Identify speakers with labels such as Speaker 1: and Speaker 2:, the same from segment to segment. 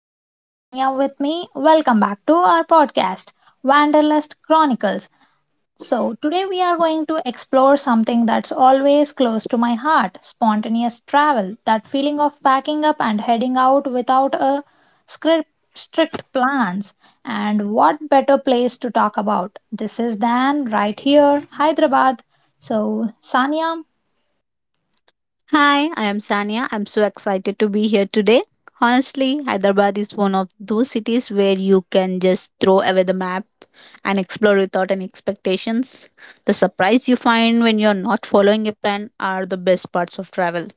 Speaker 1: have Sanya with me. Welcome back to our podcast, Wanderlust Chronicles. So, today we are going to explore something that's always close to my heart spontaneous travel. That feeling of packing up and heading out without a script, strict plans. And what better place to talk about? This is Dan right here, Hyderabad. So, Sanya,
Speaker 2: Hi, I am Sania. I'm so excited to be here today. Honestly, Hyderabad is one of those cities where you can just throw away the map and explore without any expectations. The surprise you find when you're not following a plan are the best parts of travel.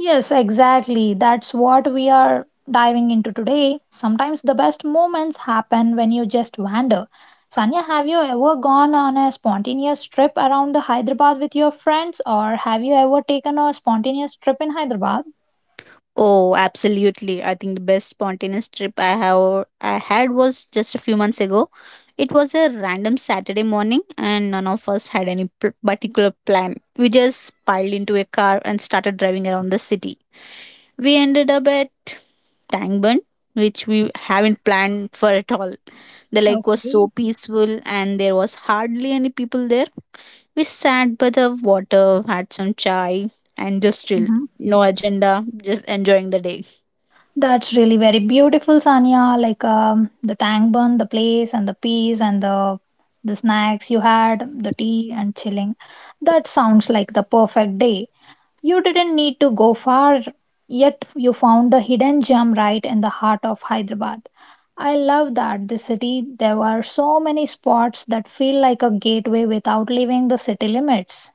Speaker 1: yes, exactly. That's what we are diving into today. Sometimes the best moments happen when you just wander. Sanya, have you ever gone on a spontaneous trip around the Hyderabad with your friends, or have you ever taken a spontaneous trip in Hyderabad?
Speaker 2: Oh, absolutely. I think the best spontaneous trip I had was just a few months ago. It was a random Saturday morning and none of us had any particular plan. We just piled into a car and started driving around the city. We ended up at Tangbun, which we haven't planned for at all. The lake was so
Speaker 1: Okay.
Speaker 2: peaceful and there was hardly any people there. We sat by the water, had some chai, and just chilled. No agenda, just enjoying the day.
Speaker 1: That's really very beautiful, Sanya. Like the tank bun, the place, and the peace, and the snacks you had, the tea, and chilling. That sounds like the perfect day. You didn't need to go far, yet you found the hidden gem right in the heart of Hyderabad. I love that this city. There are so many spots that feel like a gateway without leaving the city limits.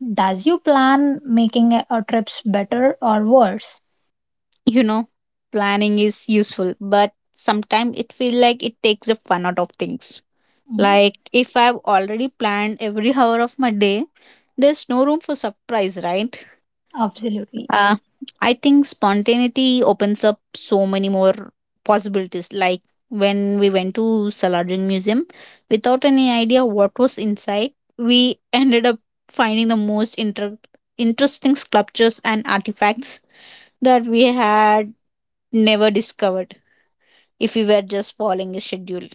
Speaker 1: Does you plan making a trips better or worse?
Speaker 2: You know, planning is useful, but sometimes it feels like it takes the fun out of things.
Speaker 1: Mhm.
Speaker 2: Like if I've already planned every hour of my day, there's no room for surprise, right?
Speaker 1: Absolutely.
Speaker 2: Uh, I think spontaneity opens up so many more possibilities. Like when we went to Salarjung Museum, without any idea what was inside, we ended up finding the most interesting sculptures and artifacts that we had never discovered if we were just following a schedule.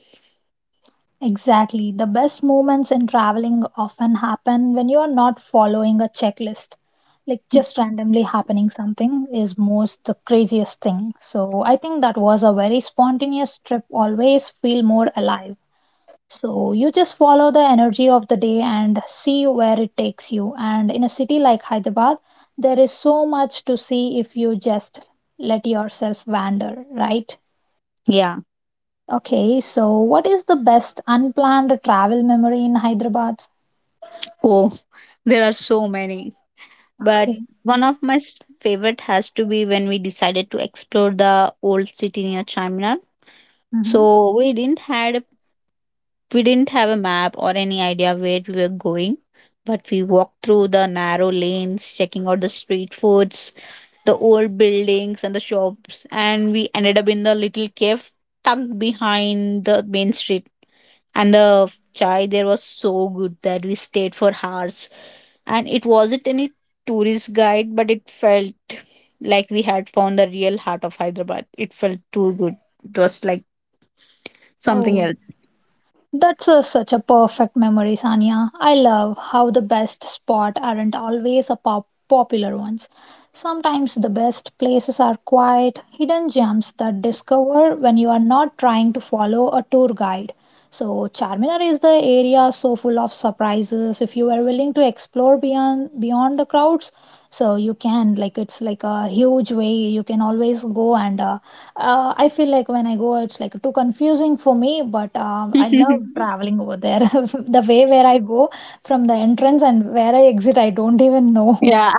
Speaker 1: Exactly. The best moments in traveling often happen when you are not following a checklist. Like just randomly happening something is most the craziest thing. So I think that was a very spontaneous trip. Always feel more alive. So you just follow the energy of the day and see where it takes you. And in a city like Hyderabad, there is so much to see if you just let yourself wander, right?
Speaker 2: Yeah.
Speaker 1: Okay, so what is the best unplanned travel memory in Hyderabad?
Speaker 2: Oh, there are so many. But
Speaker 1: Okay.
Speaker 2: one of my favorite has to be when we decided to explore the old city near Charminar.
Speaker 1: Hmm.
Speaker 2: So we didn't have a map or any idea where we were going, but we walked through the narrow lanes, checking out the street foods, the old buildings and the shops, and we ended up in the little cave tucked behind the main street, and the chai there was so good that we stayed for hours. And it wasn't any tourist guide, but it felt like we had found the real heart of Hyderabad. It felt too good. It was like
Speaker 1: Oh,
Speaker 2: something
Speaker 1: that's such a perfect memory, Sanya. I love how the best spot aren't always a popular ones. Sometimes the best places are quiet, hidden gems that discover when you are not trying to follow a tour guide. So Charminar is the area so full of surprises. If you are willing to explore beyond the crowds, so you can like it's like a huge way you can always go and I feel like when I go it's like too confusing for me but
Speaker 2: else.
Speaker 1: I love traveling over there the way where I go from the entrance and where I exit I don't even know.
Speaker 2: Yeah,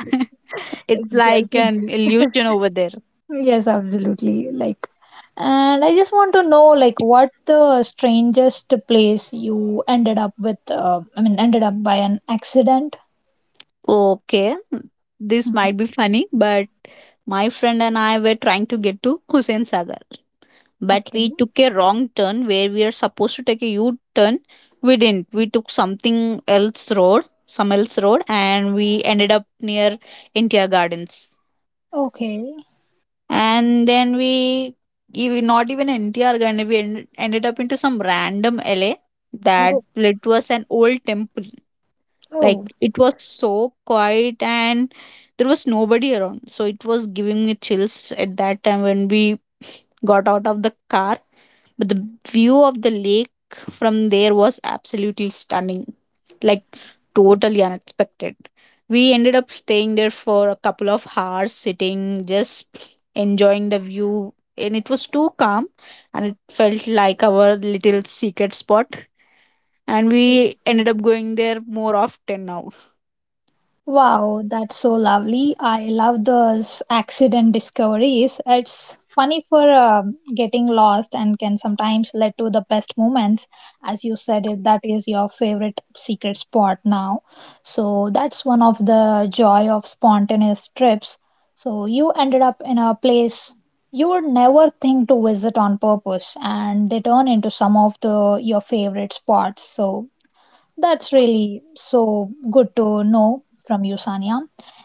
Speaker 2: it's like
Speaker 1: Exactly.
Speaker 2: an illusion over there.
Speaker 1: Yes, absolutely, like, and I just want to know like what the strangest place you ended up with, I mean ended up by an accident.
Speaker 2: Okay, this might
Speaker 1: Mhm.
Speaker 2: be funny, but my friend and I were trying to get to Hussein Sagar, but
Speaker 1: Okay.
Speaker 2: we took a wrong turn where we are supposed to take a U turn. We didn't. We took some else road, and we ended up near NTR Gardens.
Speaker 1: Okay.
Speaker 2: And then we, even not even NTR Garden, we ended up into some random LA that
Speaker 1: Oh.
Speaker 2: led to us an old temple. Like
Speaker 1: Oh.
Speaker 2: it was so quiet and there was nobody around. So it was giving me chills at that time when we got out of the car. But the view of the lake from there was absolutely stunning, like totally unexpected. We ended up staying there for a couple of hours, sitting, just enjoying the view. And it was too calm, and it felt like our little secret spot. And we ended up going there more often now.
Speaker 1: Wow, that's so lovely. I love those accident discoveries. It's funny for getting lost and can sometimes lead to the best moments. As you said, if that is your favorite secret spot now. So that's one of the joy of spontaneous trips. So you ended up in a place you would never think to visit on purpose and they turn into some of the your favorite spots. So that's really so good to know from you, Sanya.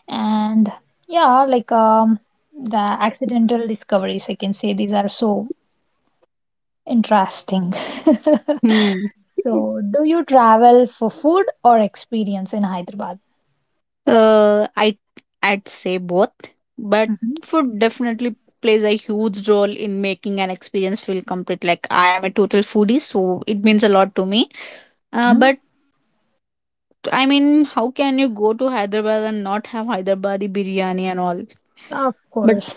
Speaker 1: And yeah, like the accidental discoveries, I can say these are so interesting.
Speaker 2: Hmm.
Speaker 1: So, do you travel for food or experience in Hyderabad?
Speaker 2: Uh, I I'd say both, but
Speaker 1: Hmm.
Speaker 2: food definitely plays a huge role in making an experience feel complete. Like I am a total foodie, so it means a lot to me. But I mean, how can you go to Hyderabad and not have Hyderabadi biryani and all?
Speaker 1: Of
Speaker 2: But
Speaker 1: course.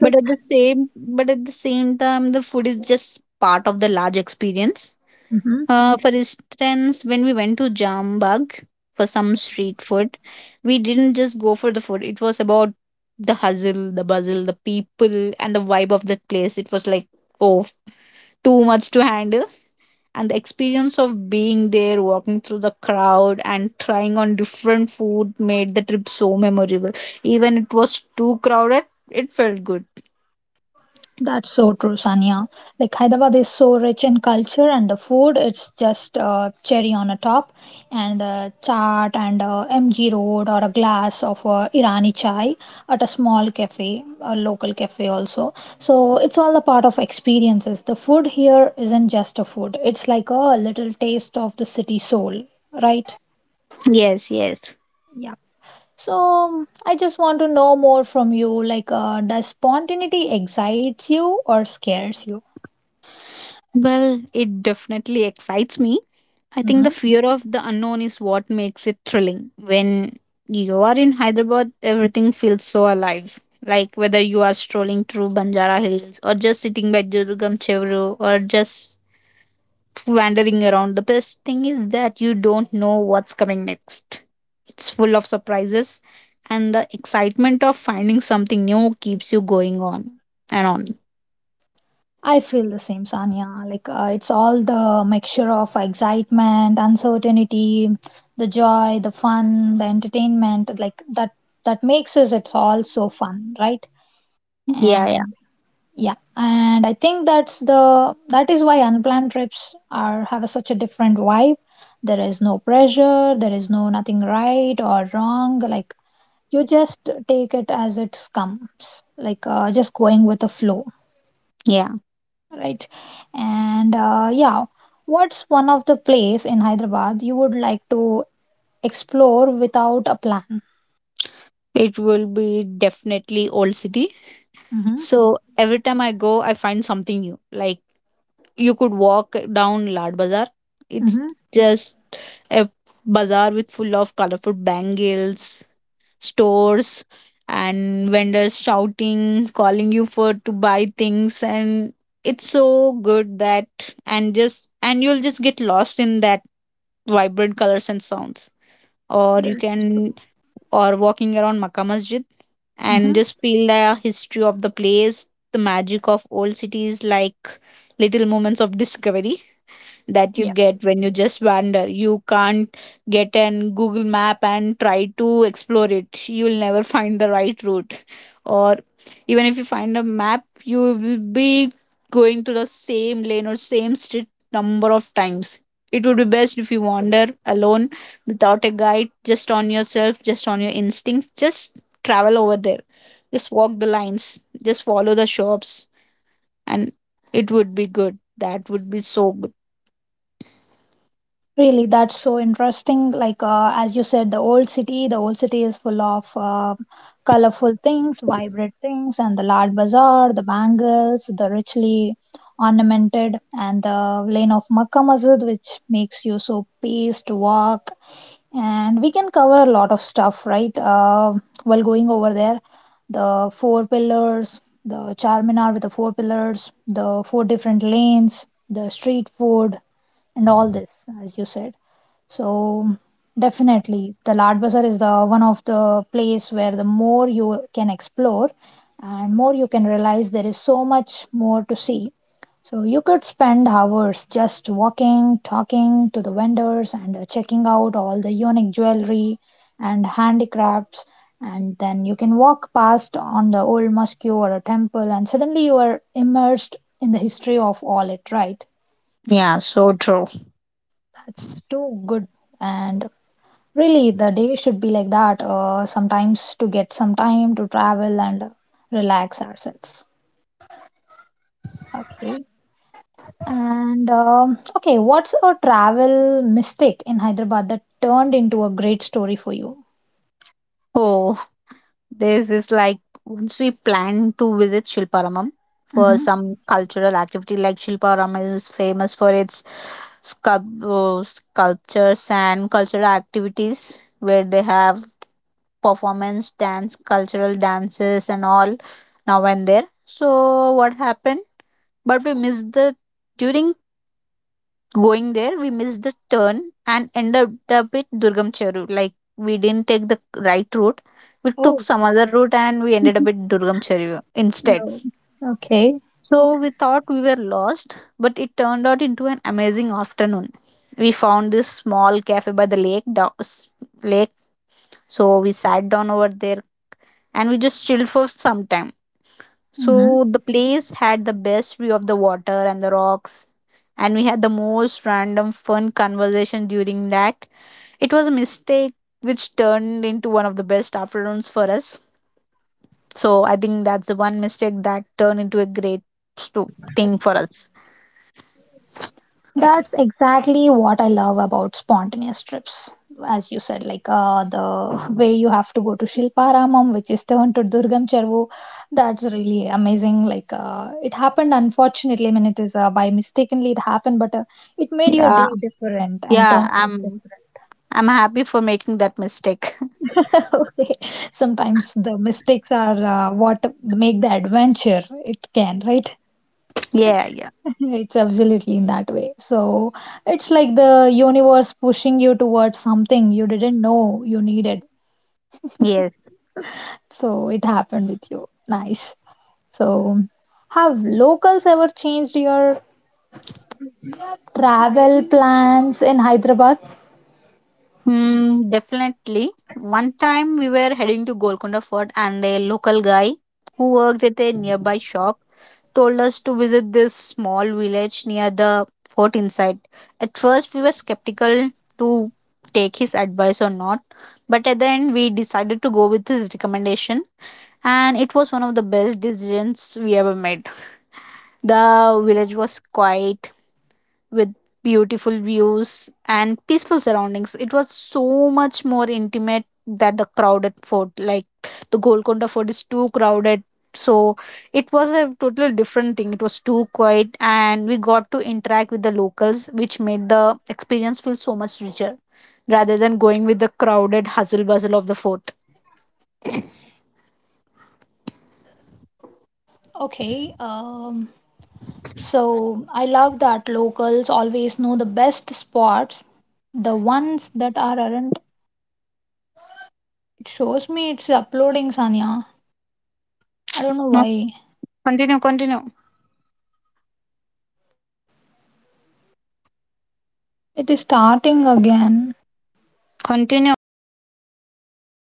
Speaker 2: but at the same but at the same time, the food is just part of the large experience.
Speaker 1: Mhm.
Speaker 2: For instance, when we went to Jambag for some street food, we didn't just go for the food. It was about the hustle, the bustle, the people, and the vibe of that place. It was like, oh, too much to handle. And the experience of being there, walking through the crowd, and trying on different food made the trip so memorable. Even it was too crowded, it felt good.
Speaker 1: That's so true, Sania. Like Hyderabad is so rich in culture and the food, it's just cherry on a top. And the chaat and MG Road or a glass of Irani chai at a small cafe, a local cafe also. So it's all a part of experiences. The food here isn't just a food, it's like a little taste of the city soul, right?
Speaker 2: Yes, yes.
Speaker 1: Yeah. So I just want to know more from you. Like, does spontaneity excites you or scares you?
Speaker 2: Well, it definitely excites me. I think the fear of the unknown is what makes it thrilling. When you are in Hyderabad, everything feels so alive. Like whether you are strolling through Banjara Hills or just sitting by Durgam Chevru or just wandering around, the best thing is that you don't know what's coming next. It's full of surprises, and the excitement of finding something new keeps you going on and on.
Speaker 1: I feel the same, Sanya. Like it's all the mixture of excitement, uncertainty, the joy, the fun, the entertainment. Like that makes us it's all so fun, right?
Speaker 2: Yeah, yeah,
Speaker 1: And yeah, and I think that is why unplanned trips are have such a different vibe. There is no pressure. There is no nothing right or wrong. Like you just take it as it comes. Like just going with the flow.
Speaker 2: yeah.
Speaker 1: Right. And yeah, what's one of the place in Hyderabad you would like to explore without a plan?
Speaker 2: It will be definitely Old City.
Speaker 1: Mm-hmm.
Speaker 2: So every time I go, I find something new. Like you could walk down Lad Bazaar. It's
Speaker 1: Mm-hmm.
Speaker 2: just a bazaar with full of colorful bangles, stores, and vendors shouting, calling you for to buy things, and it's so good that and just and you'll just get lost in that vibrant colors and sounds. Or you can or walking around Makkah Masjid and
Speaker 1: Mm-hmm.
Speaker 2: just feel the history of the place, the magic of old cities, like little moments of discovery that you
Speaker 1: Yeah.
Speaker 2: get when you just wander. You can't get an Google map and try to explore it. You'll never find the right route. Or even if you find a map, you will be going to the same lane or same street number of times. It would be best if you wander alone, without a guide, just on yourself, just on your instincts. Just travel over there, just walk the lines, just follow the shops, and it would be good. That would be so good.
Speaker 1: Really, that's so interesting. Like as you said, the old city is full of colorful things, vibrant things, and the large bazaar, the bangles, the richly ornamented, and the lane of Makkah Masjid, which makes you so pleased to walk and we can cover a lot of stuff, right? While going over there, the four pillars, the Charminar with the four pillars, the four different lanes, the street food, and all this, as you said. So definitely, the Lard Bazaar is the one of the place where the more you can explore and more you can realize there is so much more to see so you could spend hours just walking, talking to the vendors, and checking out all the unique jewelry and handicrafts. And then you can walk past on the old mosque or a temple, and suddenly you are immersed in the history of all it, right?
Speaker 2: Yeah, so true.
Speaker 1: That's too good. And really, the day should be like that sometimes to get some time to travel and relax ourselves. Okay. And what's a travel mistake in Hyderabad that turned into a great story for you?
Speaker 2: Oh, this is like once we plan to visit Shilparamam for
Speaker 1: Mm-hmm.
Speaker 2: some cultural activity. Like Shilparam is famous for its sculptures and cultural activities where they have performance, dance, cultural dances, and all now and there. So, what happened? But we missed the During going there, we missed the turn and ended up at durgam cheru. Like, we didn't take the right route. We took
Speaker 1: Oh.
Speaker 2: some other route, and we ended up at durgam cheru instead.
Speaker 1: No. Okay.
Speaker 2: So we thought we were lost, but it turned out into an amazing afternoon. We found this small cafe by the lake down, lake. So we sat down over there, and we just chilled for some time.
Speaker 1: Hmm.
Speaker 2: So the place had the best view of the water and the rocks, and we had the most random fun conversation during that. It was a mistake which turned into one of the best afternoons for us. So I think that's the one mistake that turned into a great thing for us.
Speaker 1: That's exactly what I love about spontaneous trips. As you said, like the way you have to go to Shilparamam, which is turned to Durgam Chervu, that's really amazing. Like it happened, unfortunately, I mean, it is by mistakenly it happened, but it made your
Speaker 2: Yeah,
Speaker 1: day different and
Speaker 2: yeah,
Speaker 1: turned it
Speaker 2: I'm
Speaker 1: different.
Speaker 2: I'm happy for making that mistake.
Speaker 1: Okay. Sometimes the mistakes are what make the adventure it can, right?
Speaker 2: Yeah, yeah,
Speaker 1: It's absolutely in that way. So it's like the universe pushing you towards something you didn't know you needed.
Speaker 2: yes.
Speaker 1: So it happened with you. Nice. So have locals ever changed your travel plans in Hyderabad?
Speaker 2: Mm, definitely. One time we were heading to Golconda Fort and a local guy who worked at a nearby shop told us to visit this small village near the fort inside. At first, we were skeptical to take his advice or not, but at the end, we decided to go with his recommendation, and it was one of the best decisions we ever made. The village was quiet, with beautiful views and peaceful surroundings. It was so much more intimate than the crowded fort. Like the Golconda fort is too crowded. So it was a totally different thing. It was too quiet and we got to interact with the locals, which made the experience feel so much richer rather than going with the crowded hustle bustle of the fort. No, continue, continue, continue.